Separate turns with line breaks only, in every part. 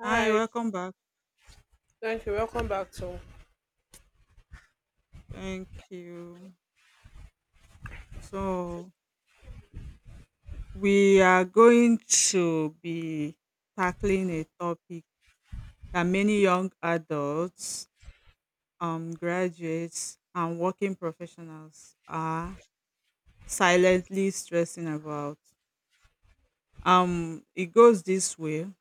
Hi, welcome back.
thank you. Welcome back to
Thank you. So, we are going to be tackling a topic that many young adults, graduates, and working professionals are silently stressing about. It goes this way: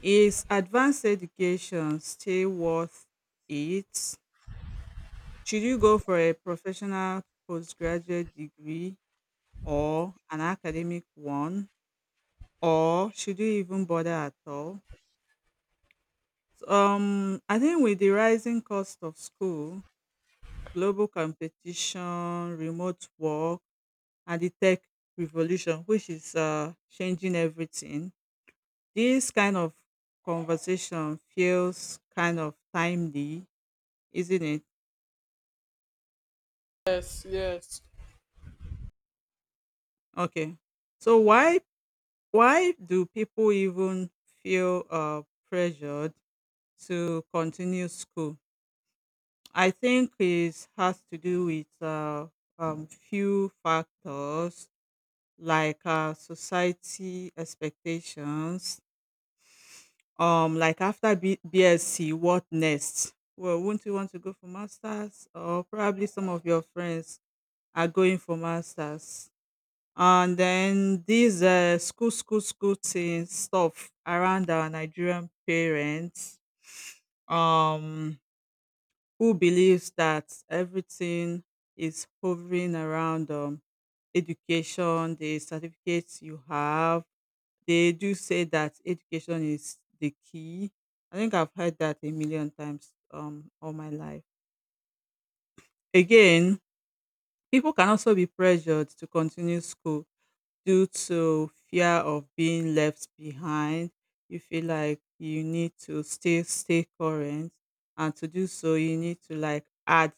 Is advanced education still worth it? Should you go for a professional postgraduate degree or an academic one? Or should you even bother at all? So, I think with the rising cost of school, global competition, remote work, and the tech revolution, which is changing everything, this kind of conversation feels kind of timely, isn't it?
Yes, yes,
Okay. So why do people even feel pressured to continue school? I think it has to do with few factors like society expectations. Like after BSc, what next? Well, wouldn't you want to go for masters? Or probably some of your friends are going for masters. And then these school, school, school thing stuff around our Nigerian parents. Um, who believes that everything is hovering around education, the certificates you have. They do say that education is the key. I think I've heard that a million times all my life. Again, people can also be pressured to continue school due to fear of being left behind. You feel like you need to still stay current, and to do so, you need to like add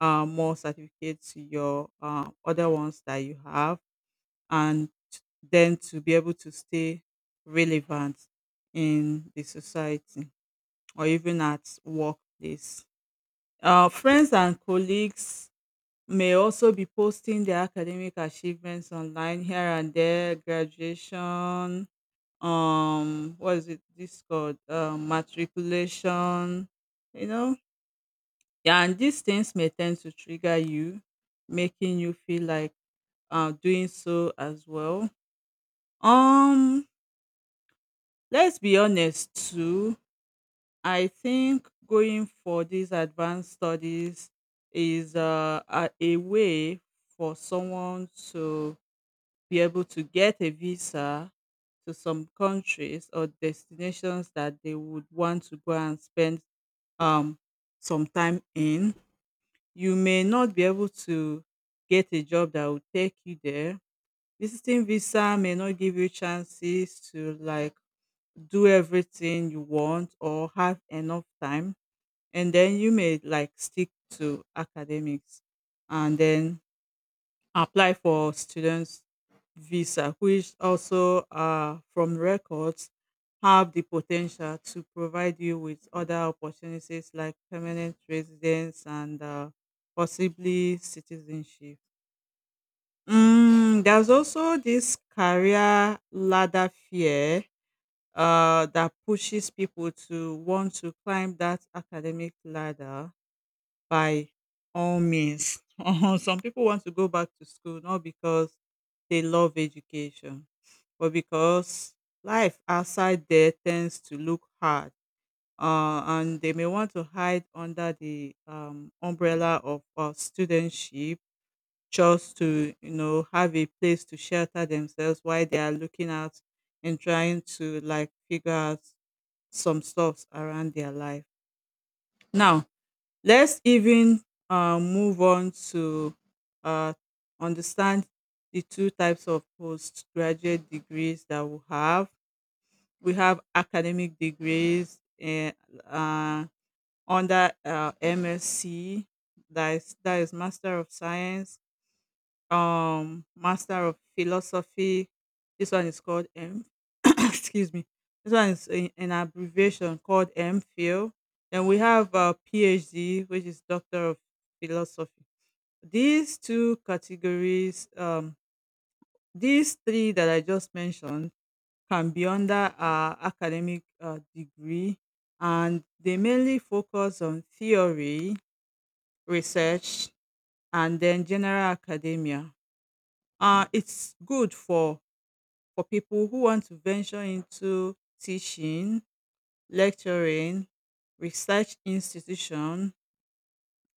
more certificates to your other ones that you have, and then to be able to stay relevant in the society or even at workplace. Friends and colleagues may also be posting their academic achievements online here and there, graduation, what is it? This called matriculation, you know, yeah, and these things may tend to trigger you, making you feel like doing so as well. Um, let's be honest too. I think going for these advanced studies is a way for someone to be able to get a visa to some countries or destinations that they would want to go and spend um some time in. You may not be able to get a job that will take you there. Visiting visa may not give you chances to like do everything you want or have enough time. And then you may like stick to academics and then apply for students visa, which also from records have the potential to provide you with other opportunities like permanent residence and possibly citizenship. There's also this career ladder fear that pushes people to want to climb that academic ladder by all means. Some people want to go back to school not because they love education, but because life outside there tends to look hard. And they may want to hide under the umbrella of studentship just to, have a place to shelter themselves while they are looking out and trying to like figure out some stuffs around their life. Now, let's even move on to uh, understand the two types of postgraduate degrees that we have. We have academic degrees, and uh, under MSc, that is, Master of Science, Master of Philosophy. This one is called m excuse me, this one is, in an abbreviation, called MPhil. Then we have PhD, which is Doctor of Philosophy. These two categories, these three that I just mentioned, can be under academic degree, and they mainly focus on theory, research, and then general academia. It's good for people who want to venture into teaching, lecturing, research institution,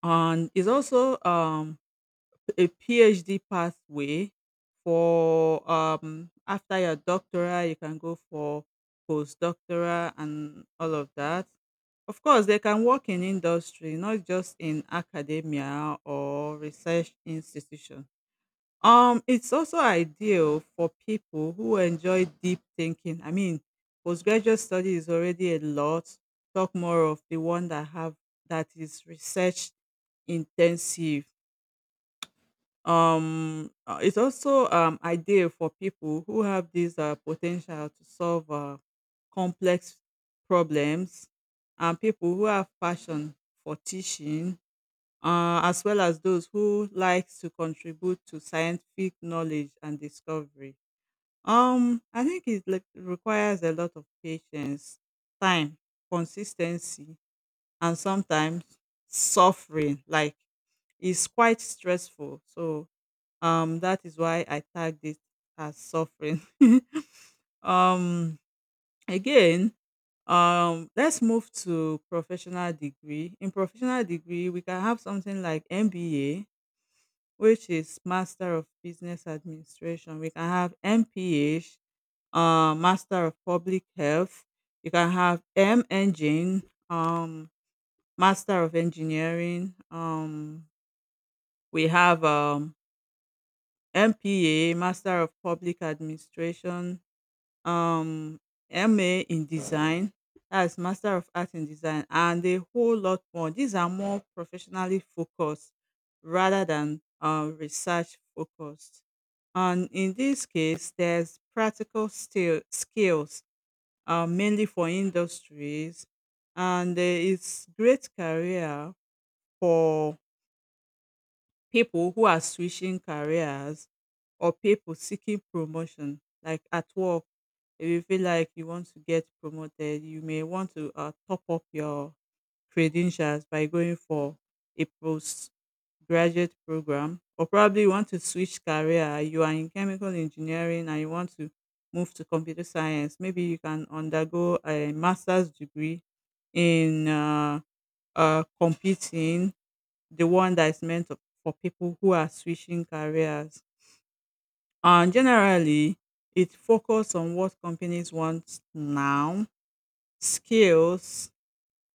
and is also a PhD pathway for, after your doctoral, you can go for postdoctoral and all of that. Of course, they can work in industry, not just in academia or research institutions. It's also ideal for people who enjoy deep thinking. I mean, postgraduate study is already a lot. Talk more of the one that is research intensive. It's also ideal for people who have this potential to solve complex problems, and people who have passion for teaching, as well as those who like to contribute to scientific knowledge and discovery. I think it, like, requires a lot of patience, time, consistency, and sometimes suffering. Like, it's quite stressful. So, that is why I tagged it as suffering. um, again, let's move to professional degree. In professional degree, we can have something like MBA, which is Master of Business Administration. We can have MPH, Master of Public Health. You can have M Engine, um, Master of Engineering. We have, MPA, Master of Public Administration, um MA in design, that's Master of Art in Design, and a whole lot more. These are more professionally focused rather than research focused. And in this case, there's skills, mainly for industries, and there is great career for people who are switching careers, or people seeking promotion like at work. If you feel like you want to get promoted, you may want to top up your credentials by going for a postgraduate program. Or probably you want to switch career. You are in chemical engineering and you want to move to computer science. Maybe you can undergo a master's degree in computing, the one that is for people who are switching careers. And generally, it focuses on what companies want now: skills,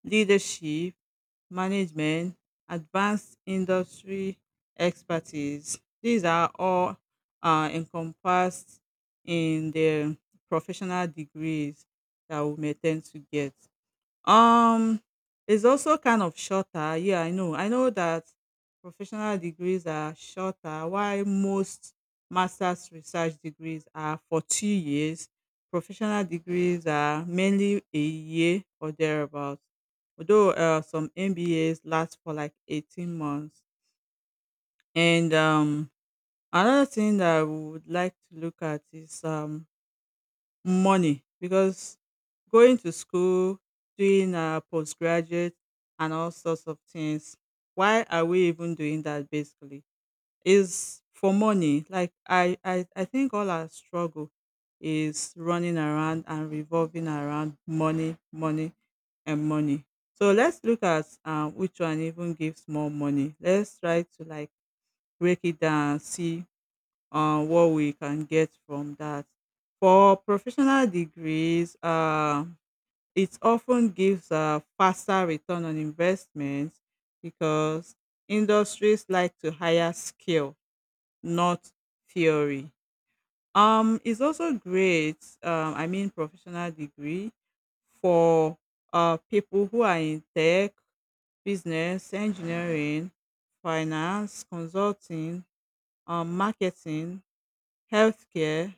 leadership, management, advanced industry expertise. These are all encompassed in the professional degrees that we may tend to get. Um, it's also kind of shorter. Yeah, I know. I know that professional degrees are shorter, while most master's research degrees are for 2 years. Professional degrees are mainly a year or thereabouts. Although some MBAs last for like 18 months. And another thing that I would like to look at is, money, because going to school, doing our postgraduate and all sorts of things, why are we even doing that basically? Is for money. Like, I think all our struggle is running around and revolving around money, money, and money. So let's look at, which one even gives more money. Let's try to like break it down and see what we can get from that. For professional degrees, it often gives a faster return on investment because industries like to hire skill, not theory. It's also great, I mean, professional degree for people who are in tech, business, engineering, finance, consulting, marketing, healthcare,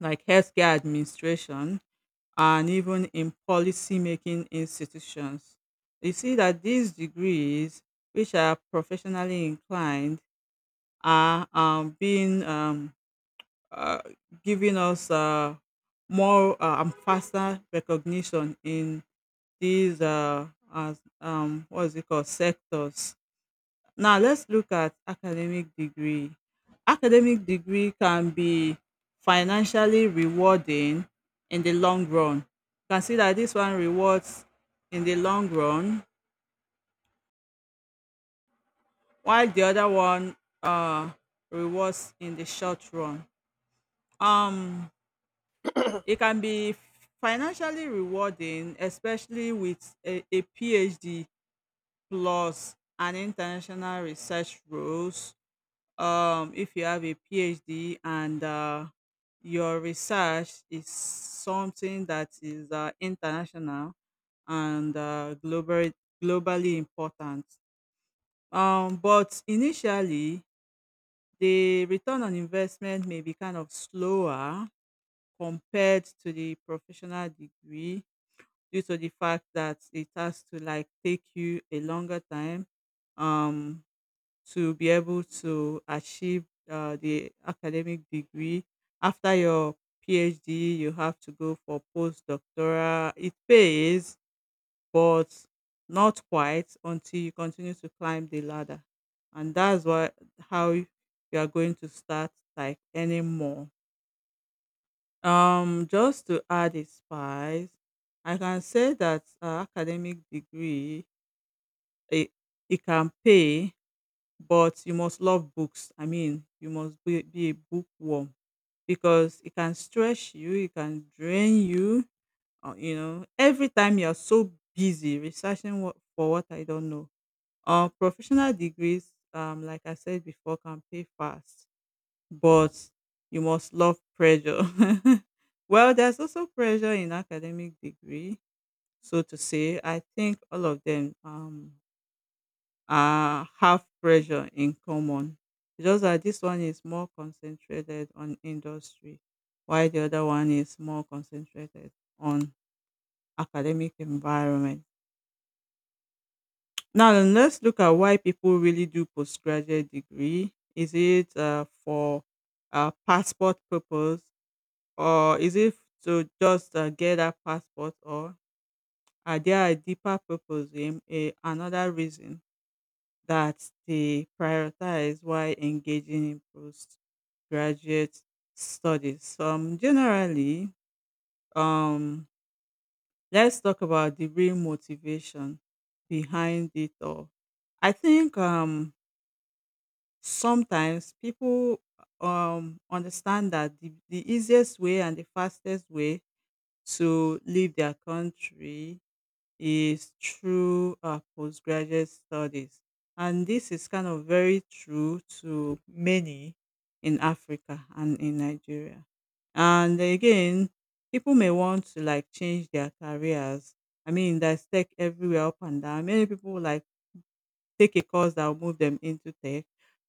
like healthcare administration, and even in policy making institutions. You see that these degrees, which are professionally inclined, are being, uh, giving us more and faster recognition in these, what is it called, sectors. Now let's look at academic degree. Academic degree can be financially rewarding in the long run. Consider this one rewards in the long run, while the other one rewards in the short run. Um, it can be financially rewarding, especially with a PhD plus an international research role, if you have a PhD and your research is something that is international and globally important. But initially, the return on investment may be kind of slower compared to the professional degree, due to the fact that it has to like take you a longer time um to be able to achieve the academic degree. After your PhD, you have to go for postdoctoral. It pays, but not quite until you continue to climb the ladder. And that's why how you are going to start like earning more. Just to add a spice, I can say that academic degree, it, it can pay, but you must love books. I mean, you must be a bookworm because it can stretch you, it can drain you. Or, every time you're so busy researching for what, I don't know. Professional degrees, like I said before, can pay fast, but you must love pressure. Well, there's also pressure in academic degree, so to say. I think all of them have pressure in common. It's just that this one is more concentrated on industry, while the other one is more concentrated on academic environment. Now, then let's look at why people really do postgraduate degree. Is it for passport purpose, or is it to just get a passport, or are there a deeper purpose, another reason that they prioritize while engaging in postgraduate studies? So, generally, um, let's talk about the real motivation behind it all. I think, sometimes people understand that the easiest way and the fastest way to leave their country is through postgraduate studies. And this is kind of very true to many in Africa and in Nigeria. And again, people may want to like change their careers. I mean, there's tech everywhere up and down. Many people like take a course that will move them into tech.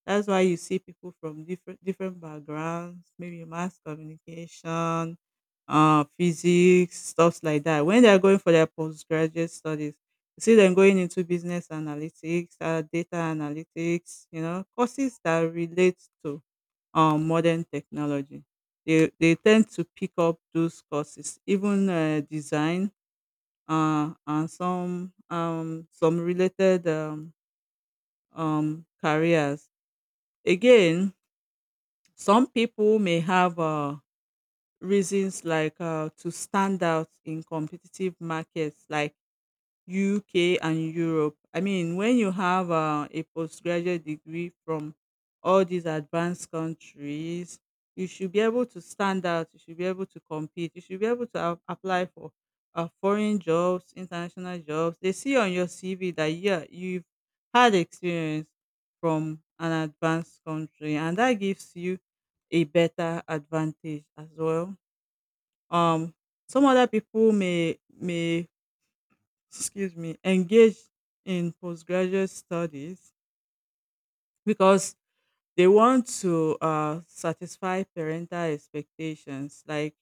That's why you see people from different backgrounds, maybe mass communication, physics, stuff like that. When they are going for their postgraduate studies, you see them going into business analytics, data analytics, courses that relate to modern technology. They tend to pick up those courses, even design, and some related careers. Again, some people may have reasons like, to stand out in competitive markets, like UK and Europe. I mean, when you have a postgraduate degree from all these advanced countries, you should be able to stand out. You should be able to compete. You should be able to apply for foreign jobs, international jobs. They see on your CV that yeah, you've had experience from an advanced country, and that gives you a better advantage as well. Um, some other people may excuse me, engage in postgraduate studies because they want to satisfy parental expectations. Like,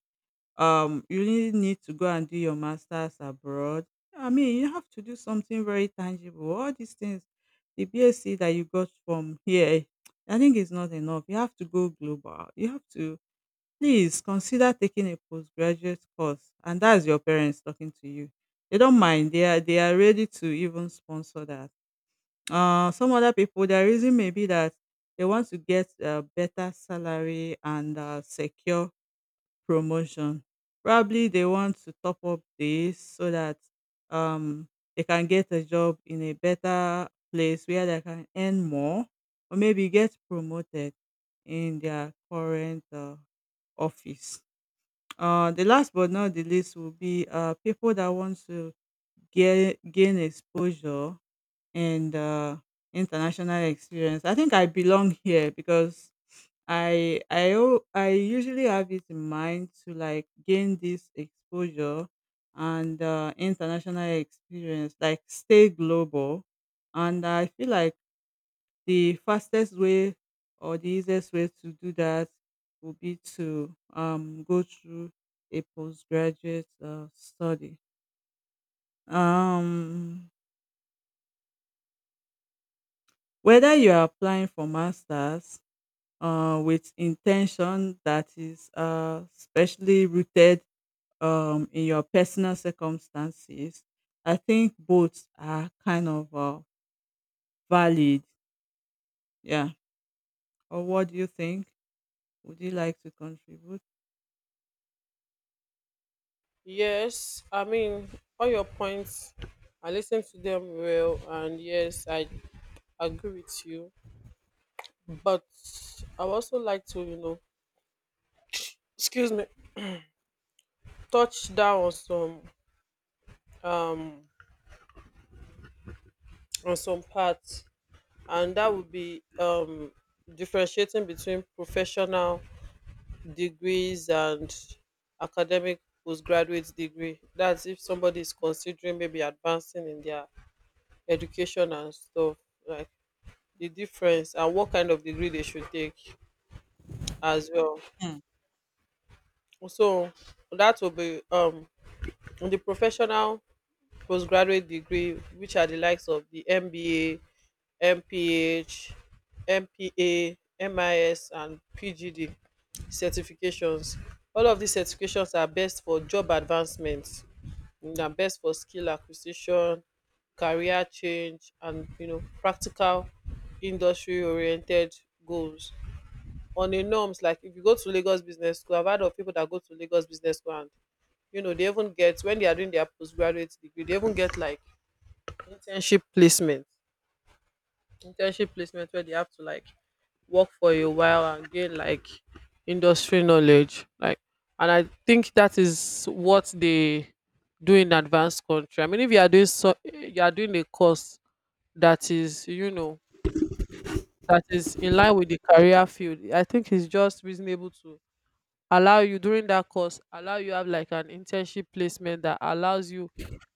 you really need to go and do your master's abroad. I mean, you have to do something very tangible. All these things, the BSc that you got from here, I think it's not enough. You have to go global. You have to Please consider taking a postgraduate course, and that's your parents talking to you. They don't mind. They are ready to even sponsor that. Some other people, their reason may be that they want to get a better salary and secure promotion. Probably they want to top up this so that um they can get a job in a better place where they can earn more, or maybe get promoted in their current office. The last but not the least will be people that want to gain exposure and international experience. I think I belong here because I usually have it in mind to like gain this exposure and international experience, like stay global. And I feel like the fastest way or the easiest way to do that would be to go through a postgraduate study. Um, whether you are applying for masters with intention that is specially rooted in your personal circumstances, I think both are kind of valid. Yeah. Or what do you think? Would you like to contribute?
yes. I mean, all your points, I listened to them well, and yes, I agree with you. But I would also like to, excuse me, touch down um on some parts, and that would be differentiating between professional degrees and academic postgraduate degree. That's if somebody is considering maybe advancing in their education and stuff, like the difference and what kind of degree they should take as well. So that will be the professional postgraduate degree, which are the likes of the MBA, MPH, MPA, MIS, and PGD certifications. All of these certifications are best for job advancement. They are best for skill acquisition, career change, and practical industry oriented goals on a norms. Like if you go to Lagos Business School, I've heard of people that go to Lagos Business School, and they even get, when they are doing their postgraduate degree, they even get like internship placement, where they have to like work for a while and gain like industry knowledge. Like, and I think that is what they do in advanced country. I mean, if you are doing so, you are doing a course that is, that is in line with the career field. I think it's just reasonable to allow you during that course, allow you have like an internship placement that allows you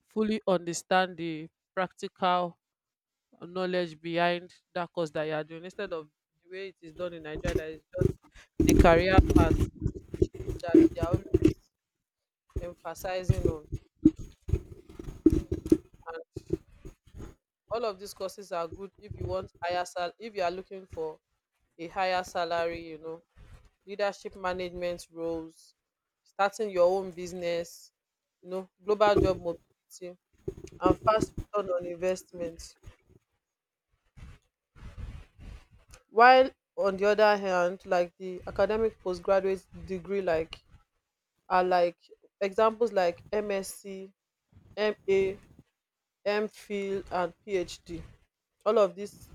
fully understand the practical knowledge behind that course that you are doing, instead of the way it is done in Nigeria. That is the career path that they are always emphasizing on. And all of these courses are good if you want higher sal if you are looking for a higher salary, leadership management roles, starting your own business, global job mobility, and fast return on investment. While on the other hand, like the academic postgraduate degree, like are like examples like MSc, MA, MPhil, and PhD. All of this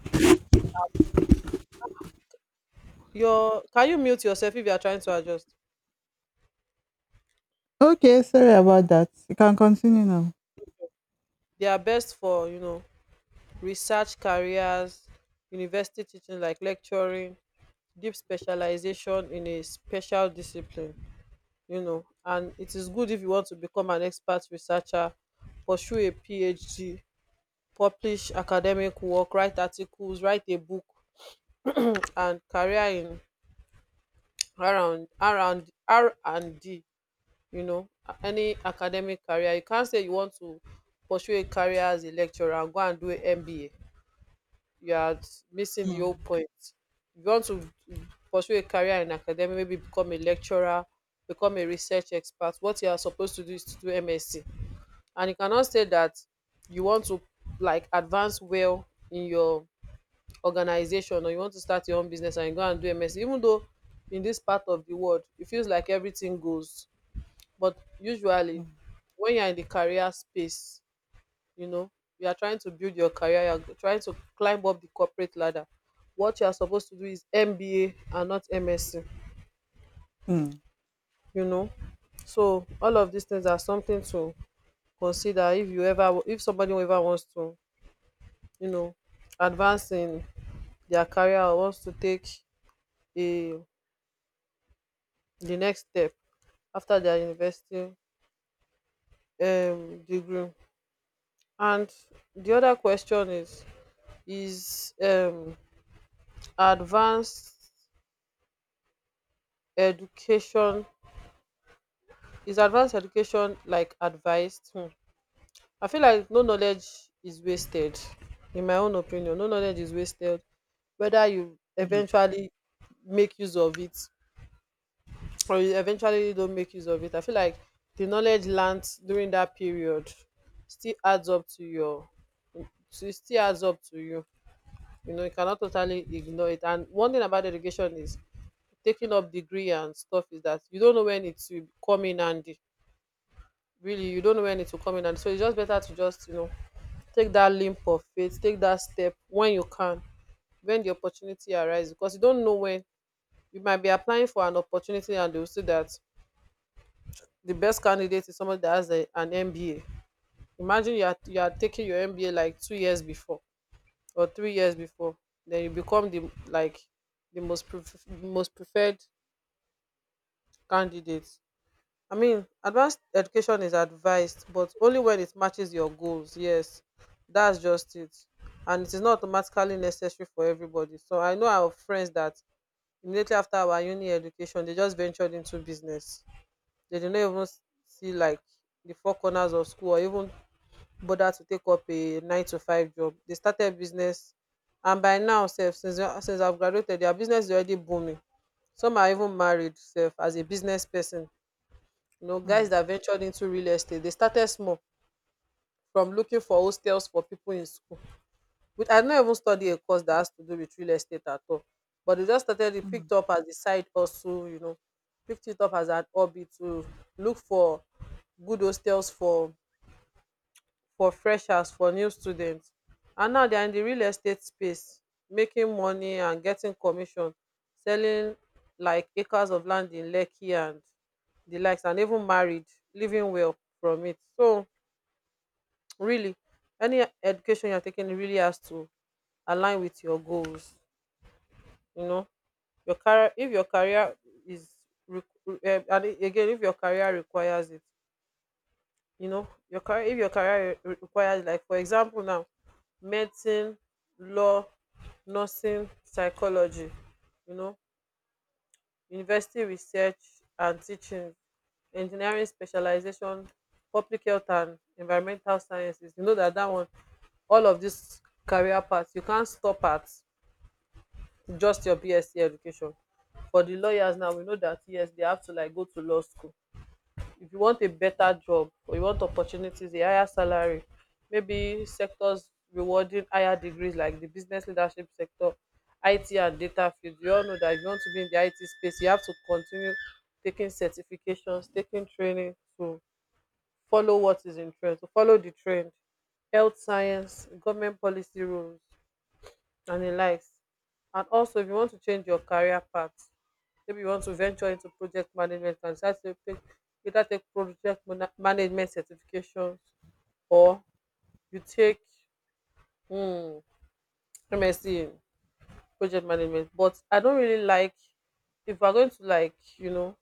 your can you mute yourself if you are trying to adjust?
Okay, sorry about that. You can continue now.
They are best for, research careers, university teaching like lecturing, deep specialization in a special discipline. You know, and it is good if you want to become an expert researcher, pursue a PhD, publish academic work, write articles, write a book, and career in R and D. You know, any academic career, you can't say you want to pursue a career as a lecturer and go and do a MBA. You are missing the whole
Mm.
point. If you want to pursue a career in academia, maybe become a lecturer, become a research expert, what you are supposed to do is to do MSc. And you cannot say that you want to like advance well in your organization, or you want to start your own business and you go and do MSc, even though in this part of the world it feels like everything goes. But usually
Mm.
when you're in the career space, you know, you are trying to build your career. You're trying to climb up the corporate ladder. What you are supposed to do is MBA and not MSc,
Mm.
you know. So all of these things are something to consider if you ever if somebody ever wants to, you know, advance in their career or wants to take a the next step after their university degree. And the other question is, is um advanced education, is advanced education, like, advised? I feel like no knowledge is wasted. In my own opinion, no knowledge is wasted, whether you
Mm.
eventually make use of it or you eventually don't make use of it. I feel like the knowledge learnt during that period still adds up to. Your So it still adds up to you. You know, you cannot totally ignore it. And one thing about education is, taking up degree and stuff is that you don't know when it will come in handy. Really, you don't know when it will come in handy. So it's just better to just, take that leap of faith, take that step when you can, when the opportunity arises, because you don't know when you might be applying for an opportunity and they'll say that the best candidate is somebody that has an MBA. Imagine you are taking your MBA like 2 years before or 3 years before. Then you become the like the most preferred candidate. I mean, advanced education is advised, but only when it matches your goals. Yes, that's just it. And it is not automatically necessary for everybody. So I know our friends that immediately after our uni education, they just ventured into business. They did not even see like the four corners of school or even bother to take up a nine to five job. They started business, and by now, self, since I've graduated, their business is already booming. Some are even married, self, as a business person. You know, guys
Mm.
that ventured into real estate, they started small, from looking for hostels for people in school, which I don't even study
Mm.
a course that has to do with real estate at all. But they just started it,
Mm.
picked up as a side hustle. Picked it up as an hobby to look for good hostels for freshers, for new students. And now they are in the real estate space, making money and getting commission, selling like acres of land in Lekki and the likes, and even married, living well from it. So really, any education you're taking really has to align with your goals. You know, your career, if your career is and again, if your career requires it. You know, your career, if your career re- requires, like for example now, medicine, law, nursing, psychology, you know, university research and teaching, engineering specialization, public health and environmental sciences, you know, that, one. All of these career paths, you can't stop at just your BSc education. For the lawyers, now we know that yes, they have to like go to law school. If you want a better job, or you want opportunities, a higher salary, maybe sectors rewarding higher degrees like the business leadership sector, IT and data field. We all know that if you want to be in the IT space, you have to continue taking certifications, taking training to follow what is in trend, to follow the trend, health science, government policy rules, and the likes. And also, if you want to change your career path, maybe you want to venture into project management and start to take, either take project management certifications, or you take mm, MSc in project management. But I don't really like, if I'm going to like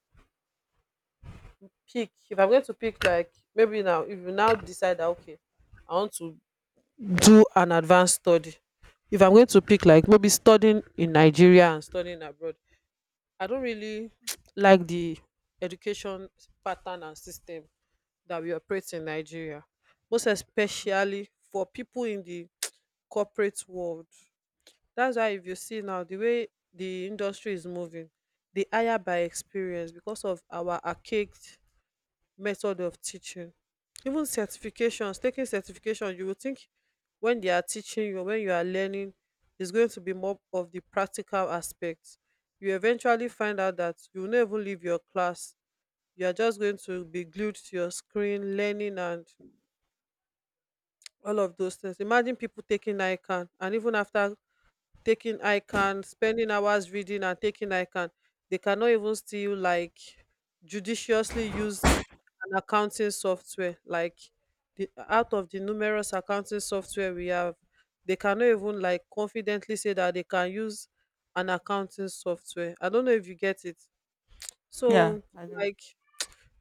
pick, if I'm going to pick, like, maybe now, if you now decide that okay, I want to do an advanced study. If I'm going to pick, like, maybe studying in Nigeria and studying abroad, I don't really like the education pattern and system that we operate in Nigeria, most especially for people in the corporate world. That's why if you see now the way the industry is moving, they hire by experience because of our archaic method of teaching. Even certifications, taking certification, you would think when they are teaching you, when you are learning, is going to be more of the practical aspects. You eventually find out that you will not leave your class. You are just going to be glued to your screen learning and all of those things. Imagine people taking ICAN, and even after taking ICAN, spending hours reading and taking ICAN, they cannot even still like judiciously use an accounting software like the— out of the numerous accounting software we have, they cannot even like confidently say that they can use an accounting software. I don't know if you get it.
Yeah,
So
I do.
like,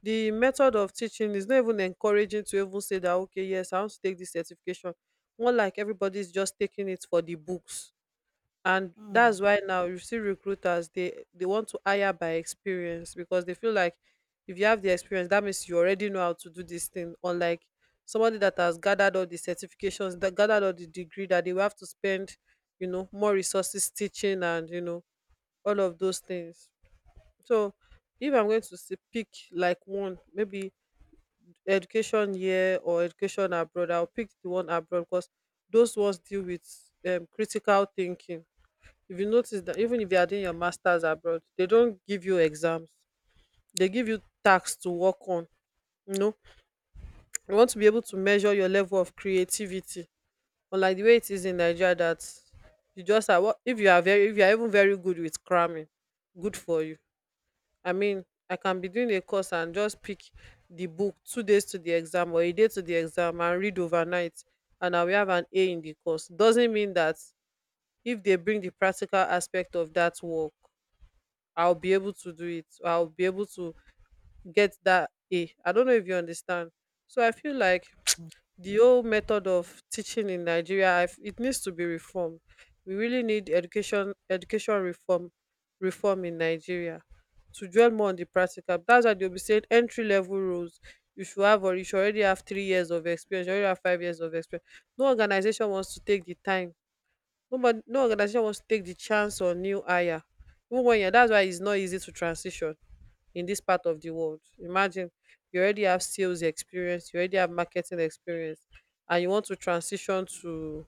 the method of teaching is not even encouraging to even say that, okay, yes, I want to take this certification. More like everybody's just taking it for the books, and that's
Mm.
why now you see recruiters, they want to hire by experience because they feel like if you have the experience, that means you already know how to do this thing, unlike somebody that has gathered all the certifications, that gathered all the degree, that they will have to spend, you know, more resources teaching, and you know, all of those things. So if I'm going to say pick like one, maybe education here or education abroad, I'll pick the one abroad because those ones deal with critical thinking. If you notice that even if you are doing your masters abroad, they don't give you exams, they give you tasks to work on you know you want to be able to measure your level of creativity, unlike the way it is in Nigeria, that you just are— what, if you are very— if you are even very good with cramming, good for you. I mean, I can be doing a course and just pick the book 2 days to the exam or a day to the exam and read overnight, and I will have an A in the course. Doesn't mean that if they bring the practical aspect of that work, I'll be able to do it. I'll be able to get that A. I don't know if you understand. So I feel like the old method of teaching in Nigeria, it needs to be reformed. We really need education reform in Nigeria to dwell more on the practical. That's why they'll be saying entry level rules. You should have— or you should already have 3 years of experience, you already have 5 years of experience. No organization wants to take the time. Nobody no organization wants to take the chance on new hire, even when you're— that's why it's not easy to transition in this part of the world. Imagine you already have sales experience, you already have marketing experience, and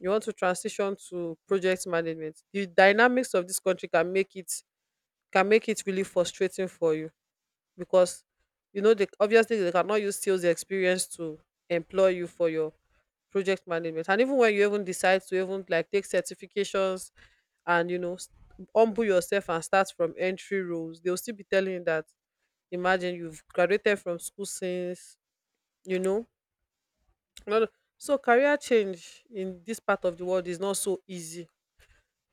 you want to transition to project management. The dynamics of this country can make it really frustrating for you because, you know, they obviously they cannot use sales experience to employ you for your project management. And even when you even decide to even like take certifications and, you know, humble yourself and start from entry roles, they'll still be telling you that, imagine you've graduated from school since, you know. No- No. So career change in this part of the world is not so easy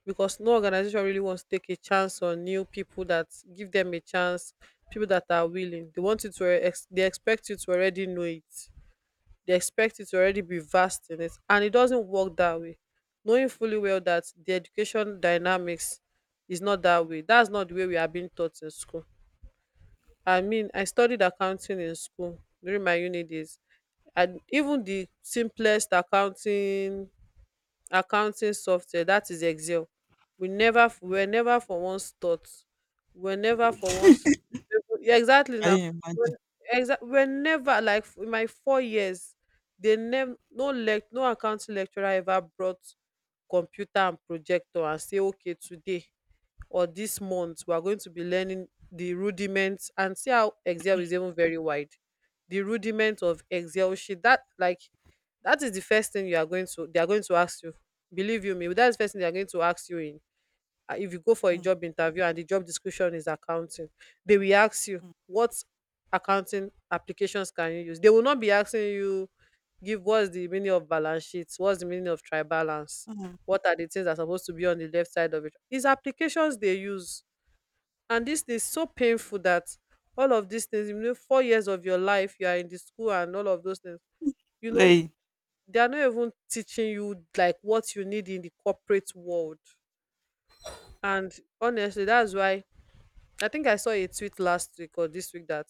because no organization really wants to take a chance on new people, that give them a chance, people that are willing. They want you to they expect you to already know it. They expect you to already be vast in it. And it doesn't work that way. Knowing fully well that the education dynamics is not that way. That's not the way we are being taught in school. I mean, I studied accounting in school during my uni days, and even the simplest accounting software, that is Excel, we were never for once thought, we were never for once— yeah, exactly
Can
now.
you
we
imagine?
we were never— like, in my 4 years, they never no lect no accounting lecturer ever brought computer and projector and say, okay, today or this month we are going to be learning the rudiments, and see how Excel is even very wide, the rudiment of Excel sheet, that like that is the first thing you are going to— they are going to ask you. Believe you me, that's the first thing they are going to ask you in. If you go for a
Mm.
job interview and the job description is accounting, they will ask you,
Mm.
what accounting applications can you use. They will not be asking you give, what's the meaning of balance sheets, what's the meaning of tribalance,
mm.
what are the things that are supposed to be on the left side of it. It's applications they use. And this is so painful that all of these things, 4 years of your life, you are in the school and all of those things you know
Play.
they are not even teaching you like what you need in the corporate world. And honestly, that's why I think I saw a tweet last week or this week that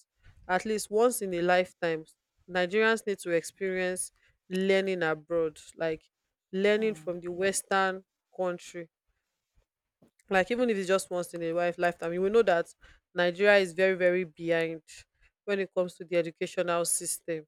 at least once in a lifetime, Nigerians need to experience learning abroad, like learning
Mm.
from the Western country. Like even if it's just once in a lifetime, you will know that Nigeria is very, very behind when it comes to the educational system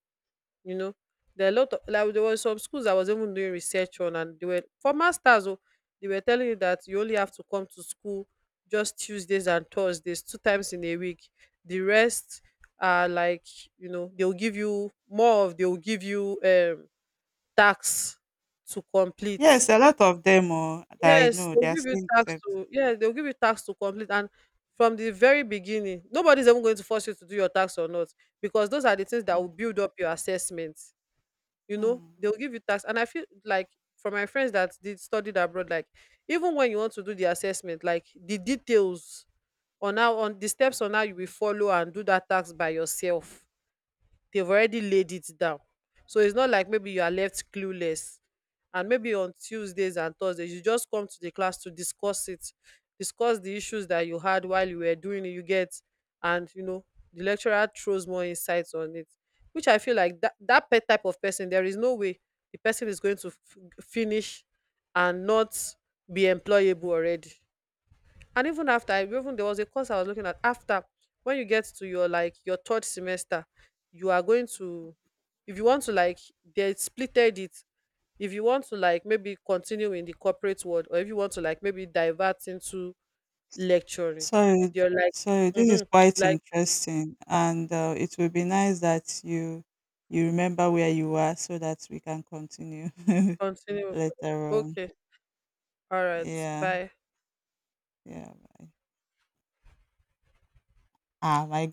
you know there are a lot of like, there were some schools I was even doing research on, and they were for masters. Oh, they were telling you that you only have to come to school just Tuesdays and Thursdays, 2 times in a week. The rest are like, you know, they'll give you more of— they'll give you tax to
Yes,
complete.
a lot of them oh, that I
Yes,
know, they
they'll
are
give you
saying
tax
that.
to— yeah, they'll give you tax to complete, and from the very beginning nobody's even going to force you to do your tax or not because those are the things that
Mm.
will build up your assessment.
Mm.
They'll give you tax, and I feel like for my friends that did studied abroad, like, even when you want to do the assessment, like the details on how— on the steps on how you will follow and do that tax by yourself, they've already laid it down. So it's not like maybe you are left clueless. And maybe on Tuesdays and Thursdays, you just come to the class to discuss it, discuss the issues that you had while you were doing it, you get, and the lecturer throws more insights on it, which I feel like that type of person, there is no way the person is going to finish and not be employable already. And even after— I even— there was a course I was looking at. After when you get to your like, your third semester, you are going to— if you want to like— they splitted it. If you want to like maybe continue in the corporate world, or if you want to like maybe divert into lecturing,
So,
they're like—
so this is
mm-hmm,
quite
like,
interesting, and it will be nice that you remember where you are so that we can continue
continue.
later on.
Okay. All right.
Yeah,
Bye.
yeah. Ah, my